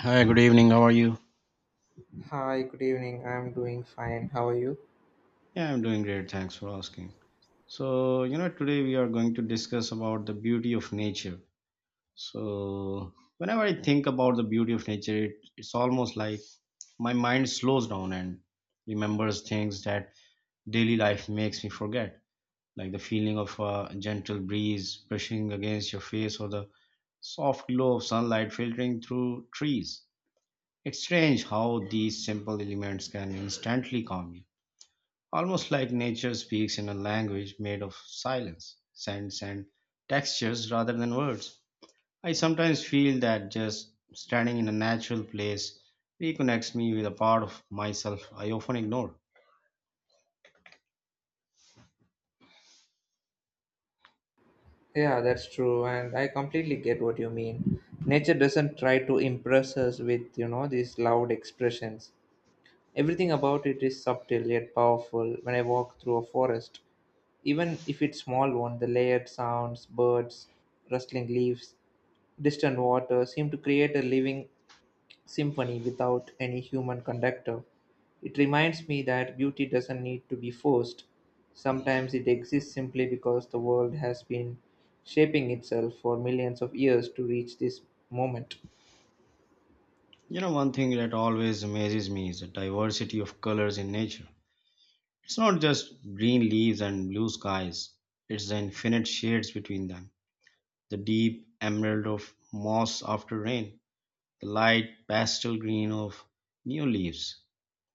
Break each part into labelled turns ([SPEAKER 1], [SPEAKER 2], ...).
[SPEAKER 1] Hi, good evening. How are you?
[SPEAKER 2] Hi, good evening. I'm doing fine. How are you?
[SPEAKER 1] Yeah, I'm doing great. Thanks for asking. So, today we are going to discuss about the beauty of nature. So, whenever I think about the beauty of nature, it's almost like my mind slows down and remembers things that daily life makes me forget, like the feeling of a gentle breeze brushing against your face or the soft glow of sunlight filtering through trees. It's strange how these simple elements can instantly calm you. Almost like nature speaks in a language made of silence, scents, and textures rather than words. I sometimes feel that just standing in a natural place reconnects me with a part of myself I often ignore.
[SPEAKER 2] Yeah, that's true. And I completely get what you mean. Nature doesn't try to impress us with, you know, these loud expressions. Everything about it is subtle yet powerful. When I walk through a forest, even if it's small one, the layered sounds, birds, rustling leaves, distant water seem to create a living symphony without any human conductor. It reminds me that beauty doesn't need to be forced. Sometimes it exists simply because the world has been shaping itself for millions of years to reach this moment.
[SPEAKER 1] One thing that always amazes me is the diversity of colors in nature. It's not just green leaves and blue skies, it's the infinite shades between them. The deep emerald of moss after rain, the light pastel green of new leaves.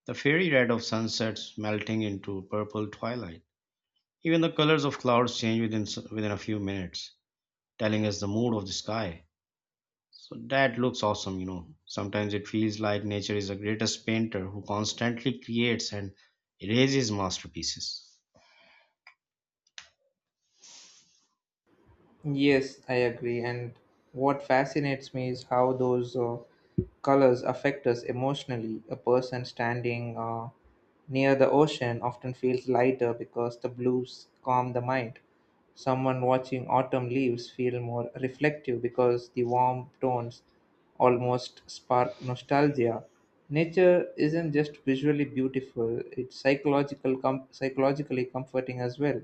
[SPEAKER 1] The fairy red of sunsets melting into purple twilight. Even the colors of clouds change within a few minutes, telling us the mood of the sky. So that looks awesome, Sometimes it feels like nature is the greatest painter who constantly creates and erases masterpieces.
[SPEAKER 2] Yes, I agree. And what fascinates me is how those colors affect us emotionally. A person standing near the ocean often feels lighter because the blues calm the mind. Someone watching autumn leaves feel more reflective because the warm tones almost spark nostalgia. Nature isn't just visually beautiful, it's psychologically comforting as well.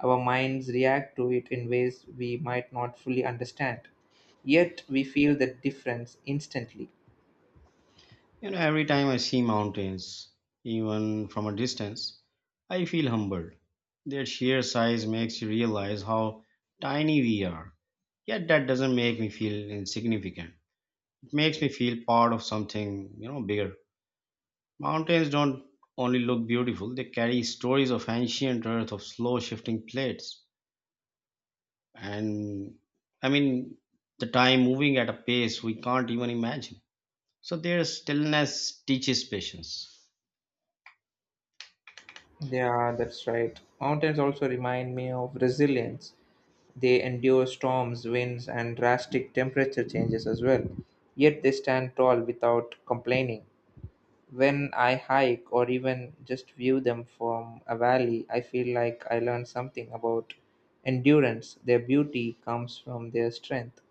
[SPEAKER 2] Our minds react to it in ways we might not fully understand, yet we feel the difference instantly.
[SPEAKER 1] Every time I see mountains, even from a distance, I feel humbled. Their sheer size makes you realize how tiny we are. Yet that doesn't make me feel insignificant. Makes me feel part of something, bigger. Mountains don't only look beautiful, they carry stories of ancient earth, of slow shifting plates. And I mean, the time moving at a pace we can't even imagine. So their stillness teaches patience.
[SPEAKER 2] Yeah, that's right. Mountains also remind me of resilience. They endure storms, winds, and drastic temperature changes as well, yet they stand tall without complaining. When I hike or even just view them from a valley, I feel like I learn something about endurance. Their beauty comes from their strength,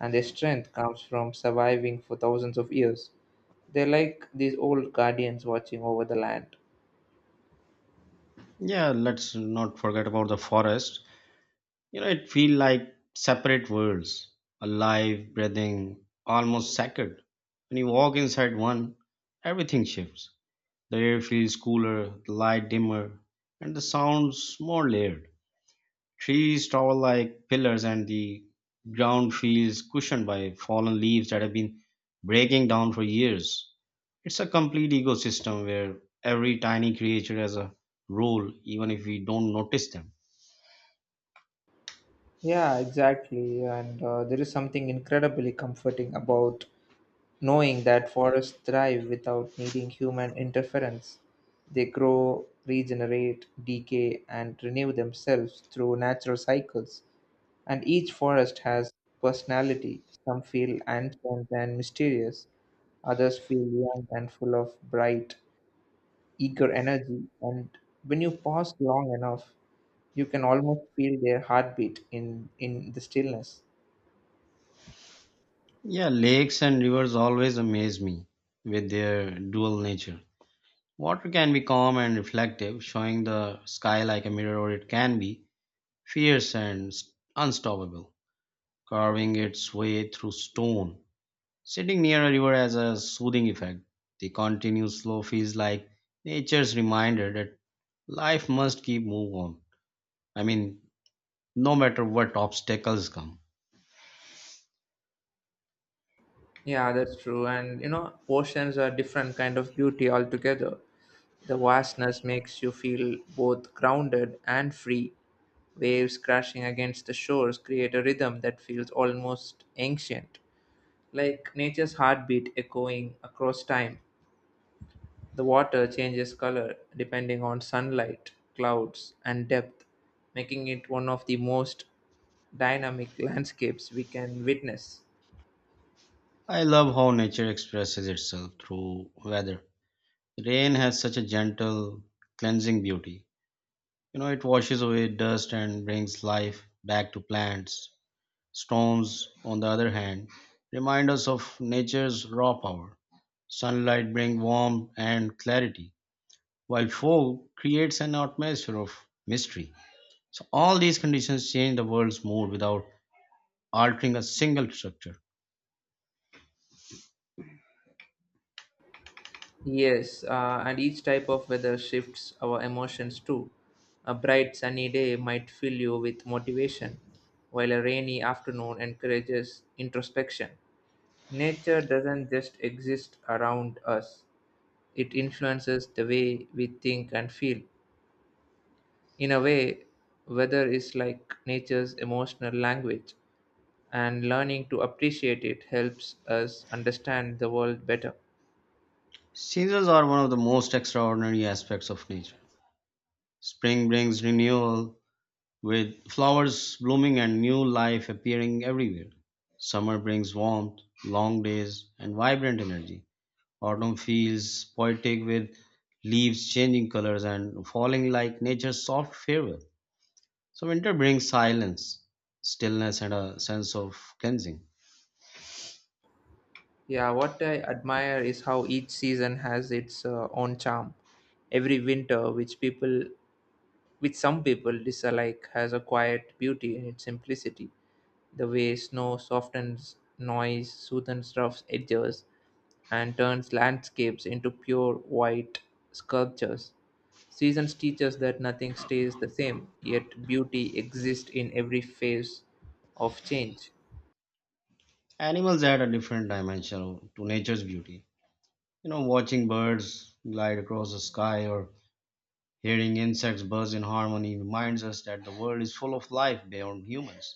[SPEAKER 2] and their strength comes from surviving for thousands of years. They're like these old guardians watching over the land.
[SPEAKER 1] Yeah, let's not forget about the forest. It feels like separate worlds, alive, breathing, almost sacred. When you walk inside one, everything shifts. The air feels cooler, the light dimmer, and the sounds more layered. Trees tower like pillars, and the ground feels cushioned by fallen leaves that have been breaking down for years. It's a complete ecosystem where every tiny creature has a role, even if we don't notice them.
[SPEAKER 2] Yeah, exactly. And there is something incredibly comforting about knowing that forests thrive without needing human interference. They grow, regenerate, decay, and renew themselves through natural cycles. And each forest has personality. Some feel ancient and mysterious, others feel young and full of bright, eager energy. And when you pause long enough, you can almost feel their heartbeat in the stillness.
[SPEAKER 1] Yeah, lakes and rivers always amaze me with their dual nature. Water can be calm and reflective, showing the sky like a mirror, or it can be fierce and unstoppable, carving its way through stone. Sitting near a river has a soothing effect. The continuous flow feels like nature's reminder that life must keep move on. I mean, no matter what obstacles come.
[SPEAKER 2] Yeah, that's true. And you know, oceans are different kind of beauty altogether. The vastness makes you feel both grounded and free. Waves crashing against the shores create a rhythm that feels almost ancient, like nature's heartbeat echoing across time. The water changes color depending on sunlight, clouds, and depth, making it one of the most dynamic landscapes we can witness.
[SPEAKER 1] I love how nature expresses itself through weather. Rain has such a gentle, cleansing beauty. It washes away dust and brings life back to plants. Storms, on the other hand, remind us of nature's raw power. Sunlight brings warmth and clarity, while fog creates an atmosphere of mystery. So, all these conditions change the world's mood without altering a single structure.
[SPEAKER 2] Yes, and each type of weather shifts our emotions too. A bright sunny day might fill you with motivation, while a rainy afternoon encourages introspection. Nature doesn't just exist around us, it influences the way we think and feel. In a way, weather is like nature's emotional language, and learning to appreciate it helps us understand the world better.
[SPEAKER 1] Seasons are one of the most extraordinary aspects of nature. Spring brings renewal, with flowers blooming and new life appearing everywhere. Summer brings warmth, long days, and vibrant energy. Autumn feels poetic with leaves changing colors and falling like nature's soft farewell. So winter brings silence, stillness, and a sense of cleansing.
[SPEAKER 2] Yeah, what I admire is how each season has its own charm. Every which some people dislike, has a quiet beauty in its simplicity. The way snow softens noise, soothes rough edges, and turns landscapes into pure white sculptures. Seasons teach us that nothing stays the same, yet beauty exists in every phase of change.
[SPEAKER 1] Animals add a different dimension to nature's beauty. Watching birds glide across the sky or hearing insects buzz in harmony reminds us that the world is full of life beyond humans.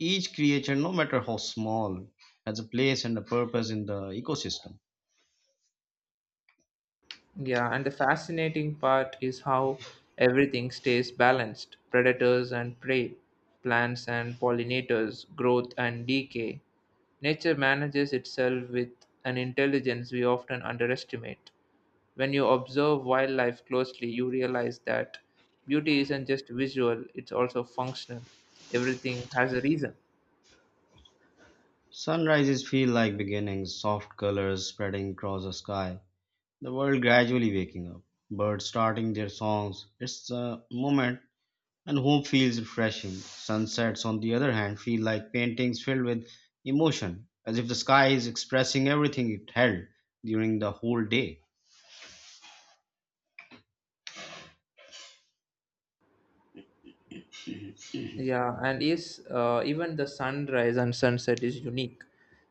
[SPEAKER 1] Each creature, no matter how small, has a place and a purpose in the ecosystem.
[SPEAKER 2] Yeah, and the fascinating part is how everything stays balanced predators and prey, plants and pollinators, growth and decay. Nature manages itself with an intelligence we often underestimate. When you observe wildlife closely, you realize that beauty isn't just visual, it's also functional. Everything has a reason.
[SPEAKER 1] Sunrises feel like beginnings, soft colors spreading across the sky, the world gradually waking up, birds starting their songs. It's a moment and hope feels refreshing. Sunsets, on the other hand, feel like paintings filled with emotion, as if the sky is expressing everything it held during the whole day.
[SPEAKER 2] Yeah, and is even the sunrise and sunset is unique.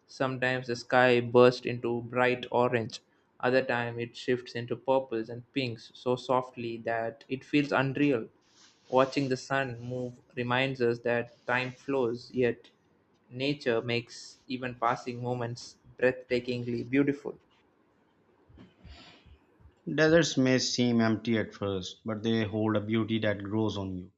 [SPEAKER 2] Sometimes the sky bursts into bright orange, other time it shifts into purples and pinks so softly that it feels unreal. Watching the sun move reminds us that time flows, yet nature makes even passing moments breathtakingly beautiful.
[SPEAKER 1] Deserts may seem empty at first, but they hold a beauty that grows on you.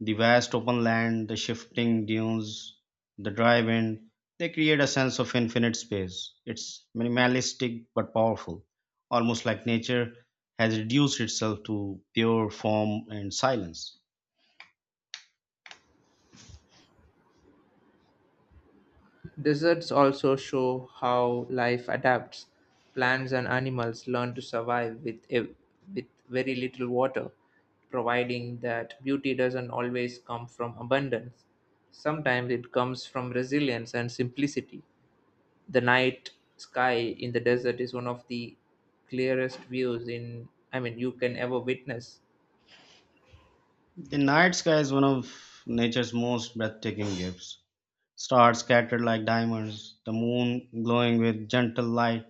[SPEAKER 1] The vast open land, the shifting dunes, the dry wind, they create a sense of infinite space. It's minimalistic but powerful, almost like nature has reduced itself to pure form and silence.
[SPEAKER 2] Deserts also show how life adapts. Plants and animals learn to survive with very little water, providing that beauty doesn't always come from abundance. Sometimes it comes from resilience and simplicity. The night sky in the desert is one of the clearest views in I mean you can ever witness.
[SPEAKER 1] The night sky is one of nature's most breathtaking gifts. Stars scattered like diamonds, the moon glowing with gentle light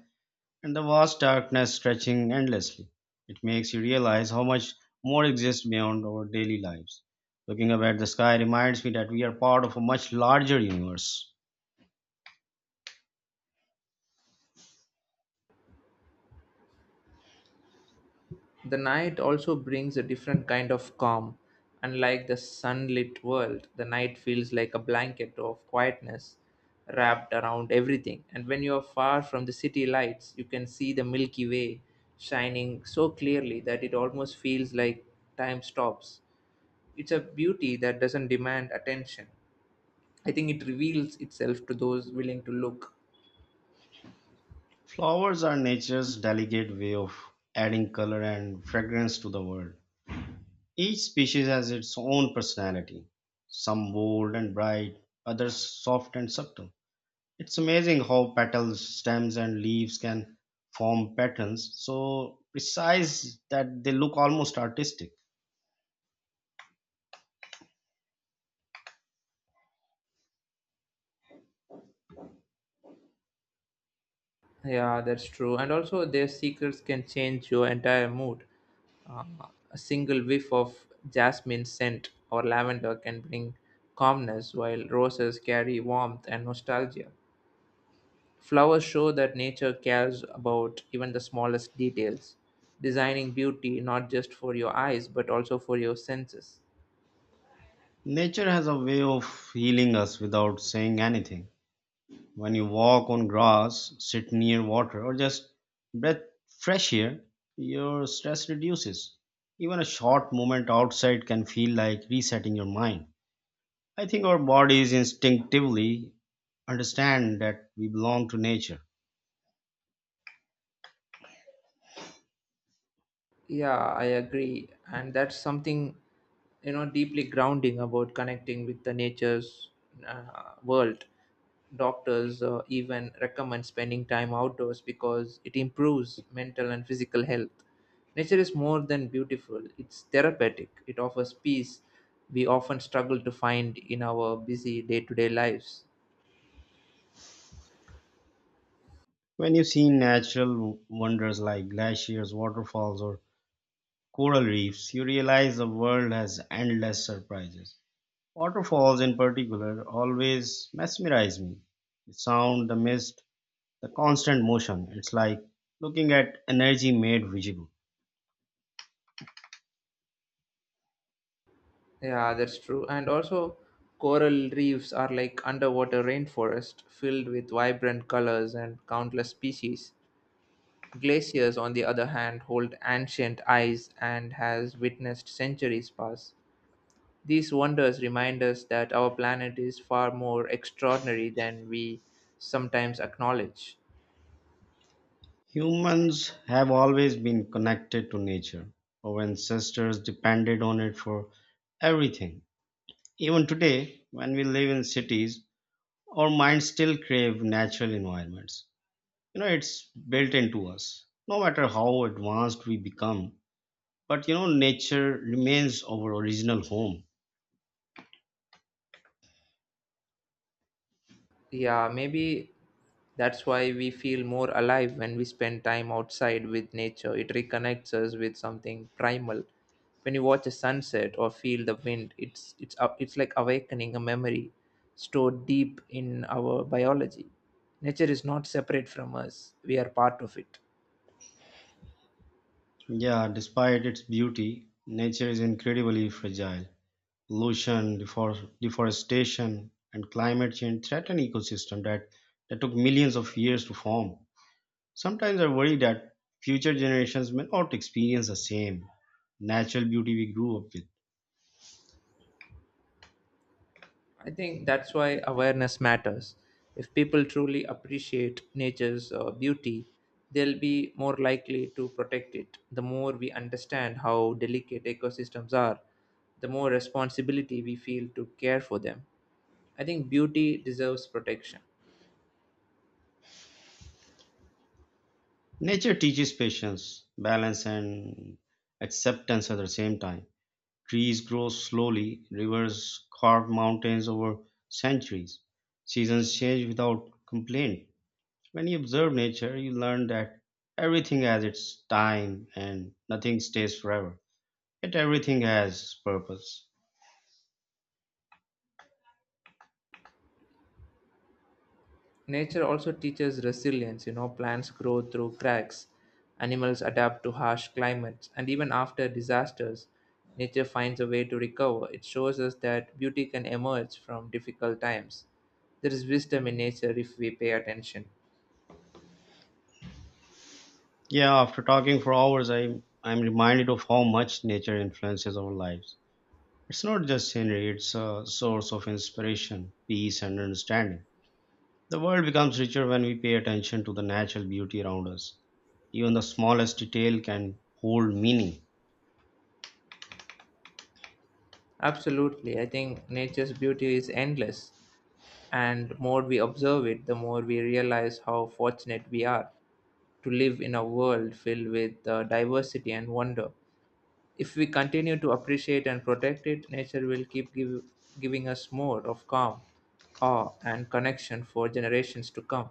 [SPEAKER 1] and the vast darkness stretching endlessly. It makes you realize how much more exists beyond our daily lives. Looking up at the sky reminds me that we are part of a much larger universe.
[SPEAKER 2] The night also brings a different kind of calm. Unlike the sunlit world, the night feels like a blanket of quietness wrapped around everything. And when you are far from the city lights, you can see the Milky Way shining so clearly that it almost feels like time stops. It's a beauty that doesn't demand attention. I think it reveals itself to those willing to look.
[SPEAKER 1] Flowers are nature's delicate way of adding color and fragrance to the world. Each species has its own personality, some bold and bright, others soft and subtle. It's amazing how petals, stems, and leaves can form patterns so precise that they look almost artistic.
[SPEAKER 2] Yeah, that's true. And also, their secrets can change your entire mood. Uh, a single whiff of jasmine scent or lavender can bring calmness, while roses carry warmth and nostalgia. Flowers show that nature cares about even the smallest details, designing beauty not just for your eyes but also for your senses.
[SPEAKER 1] Nature has a way of healing us without saying anything. When you walk on grass, sit near water, or just breathe fresh air, your stress reduces. Even a short moment outside can feel like resetting your mind. I think our bodies instinctively understand that we belong to nature.
[SPEAKER 2] Yeah, I agree. And that's something, you know, deeply grounding about connecting with the nature's world. Doctors even recommend spending time outdoors because it improves mental and physical health. Nature is more than beautiful, it's therapeutic. It offers peace we often struggle to find in our busy day to day lives.
[SPEAKER 1] When you see natural wonders like glaciers, waterfalls, or coral reefs, you realize the world has endless surprises. Waterfalls, in particular, always mesmerize me. The sound, the mist, the constant motion. It's like looking at energy made visible.
[SPEAKER 2] Yeah, that's true. And also, coral reefs are like underwater rainforest filled with vibrant colors and countless species. Glaciers, on the other hand, hold ancient ice and has witnessed centuries pass. These wonders remind us that our planet is far more extraordinary than we sometimes acknowledge.
[SPEAKER 1] Humans have always been connected to nature. Our ancestors depended on it for everything. Even today, when we live in cities, our minds still crave natural environments. It's built into us no matter how advanced we become, but nature remains our original home.
[SPEAKER 2] Yeah, maybe that's why we feel more alive when we spend time outside with nature. It reconnects us with something primal. When you watch a sunset or feel the wind, it's like awakening a memory stored deep in our biology. Nature is not separate from us. We are part of it.
[SPEAKER 1] Yeah, despite its beauty, nature is incredibly fragile. Pollution, deforestation, and climate change threaten ecosystems that took millions of years to form. Sometimes I worry that future generations may not experience the same natural beauty we grew up with.
[SPEAKER 2] I think that's why awareness matters. If people truly appreciate nature's beauty, they'll be more likely to protect it. The more we understand how delicate ecosystems are, the more responsibility we feel to care for them. I think beauty deserves protection.
[SPEAKER 1] Nature teaches patience, balance, and acceptance at the same time. Trees grow slowly, rivers carve mountains over centuries, seasons change without complaint. When you observe nature, you learn that everything has its time and nothing stays forever. Yet everything has purpose.
[SPEAKER 2] Nature also teaches resilience, you know, plants grow through cracks, animals adapt to harsh climates, and even after disasters, nature finds a way to recover. It shows us that beauty can emerge from difficult times. There is wisdom in nature if we pay attention.
[SPEAKER 1] Yeah, after talking for hours, I'm reminded of how much nature influences our lives. It's not just scenery, it's a source of inspiration, peace, and understanding. The world becomes richer when we pay attention to the natural beauty around us. Even the smallest detail can hold meaning.
[SPEAKER 2] Absolutely, I think nature's beauty is endless, and more we observe it, the more we realize how fortunate we are to live in a world filled with diversity and wonder. If we continue to appreciate and protect it, nature will giving us more of calm, awe, and connection for generations to come.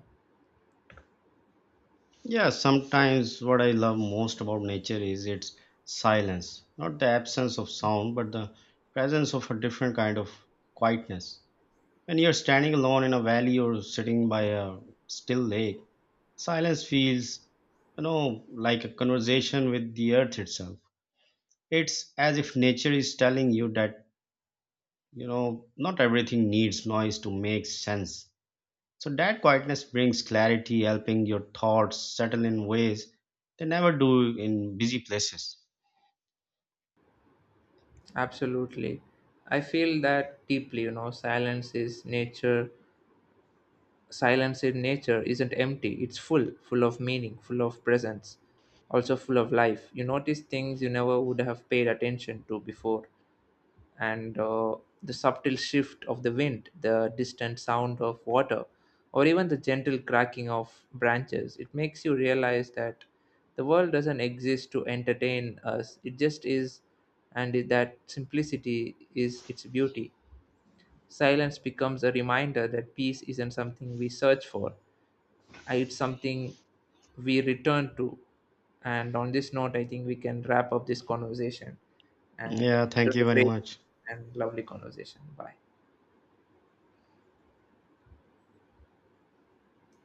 [SPEAKER 1] Yeah, sometimes what I love most about nature is its silence. Not the absence of sound, but the presence of a different kind of quietness. When you're standing alone in a valley or sitting by a still lake, silence feels, like a conversation with the earth itself. It's as if nature is telling you that, not everything needs noise to make sense. So that quietness brings clarity, helping your thoughts settle in ways they never do in busy places.
[SPEAKER 2] Absolutely. I feel that deeply, you know, silence is nature. Silence in nature isn't empty, it's full, full of meaning, full of presence, also full of life. You notice things you never would have paid attention to before. And the subtle shift of the wind, the distant sound of water, or even the gentle cracking of branches, it makes you realize that the world doesn't exist to entertain us, it just is, and that simplicity is its beauty. Silence becomes a reminder that peace isn't something we search for, it's something we return to. And on this note, I think we can wrap up this conversation. And
[SPEAKER 1] Yeah,
[SPEAKER 2] it
[SPEAKER 1] thank
[SPEAKER 2] was a
[SPEAKER 1] you very
[SPEAKER 2] great
[SPEAKER 1] much.
[SPEAKER 2] and lovely conversation. Bye.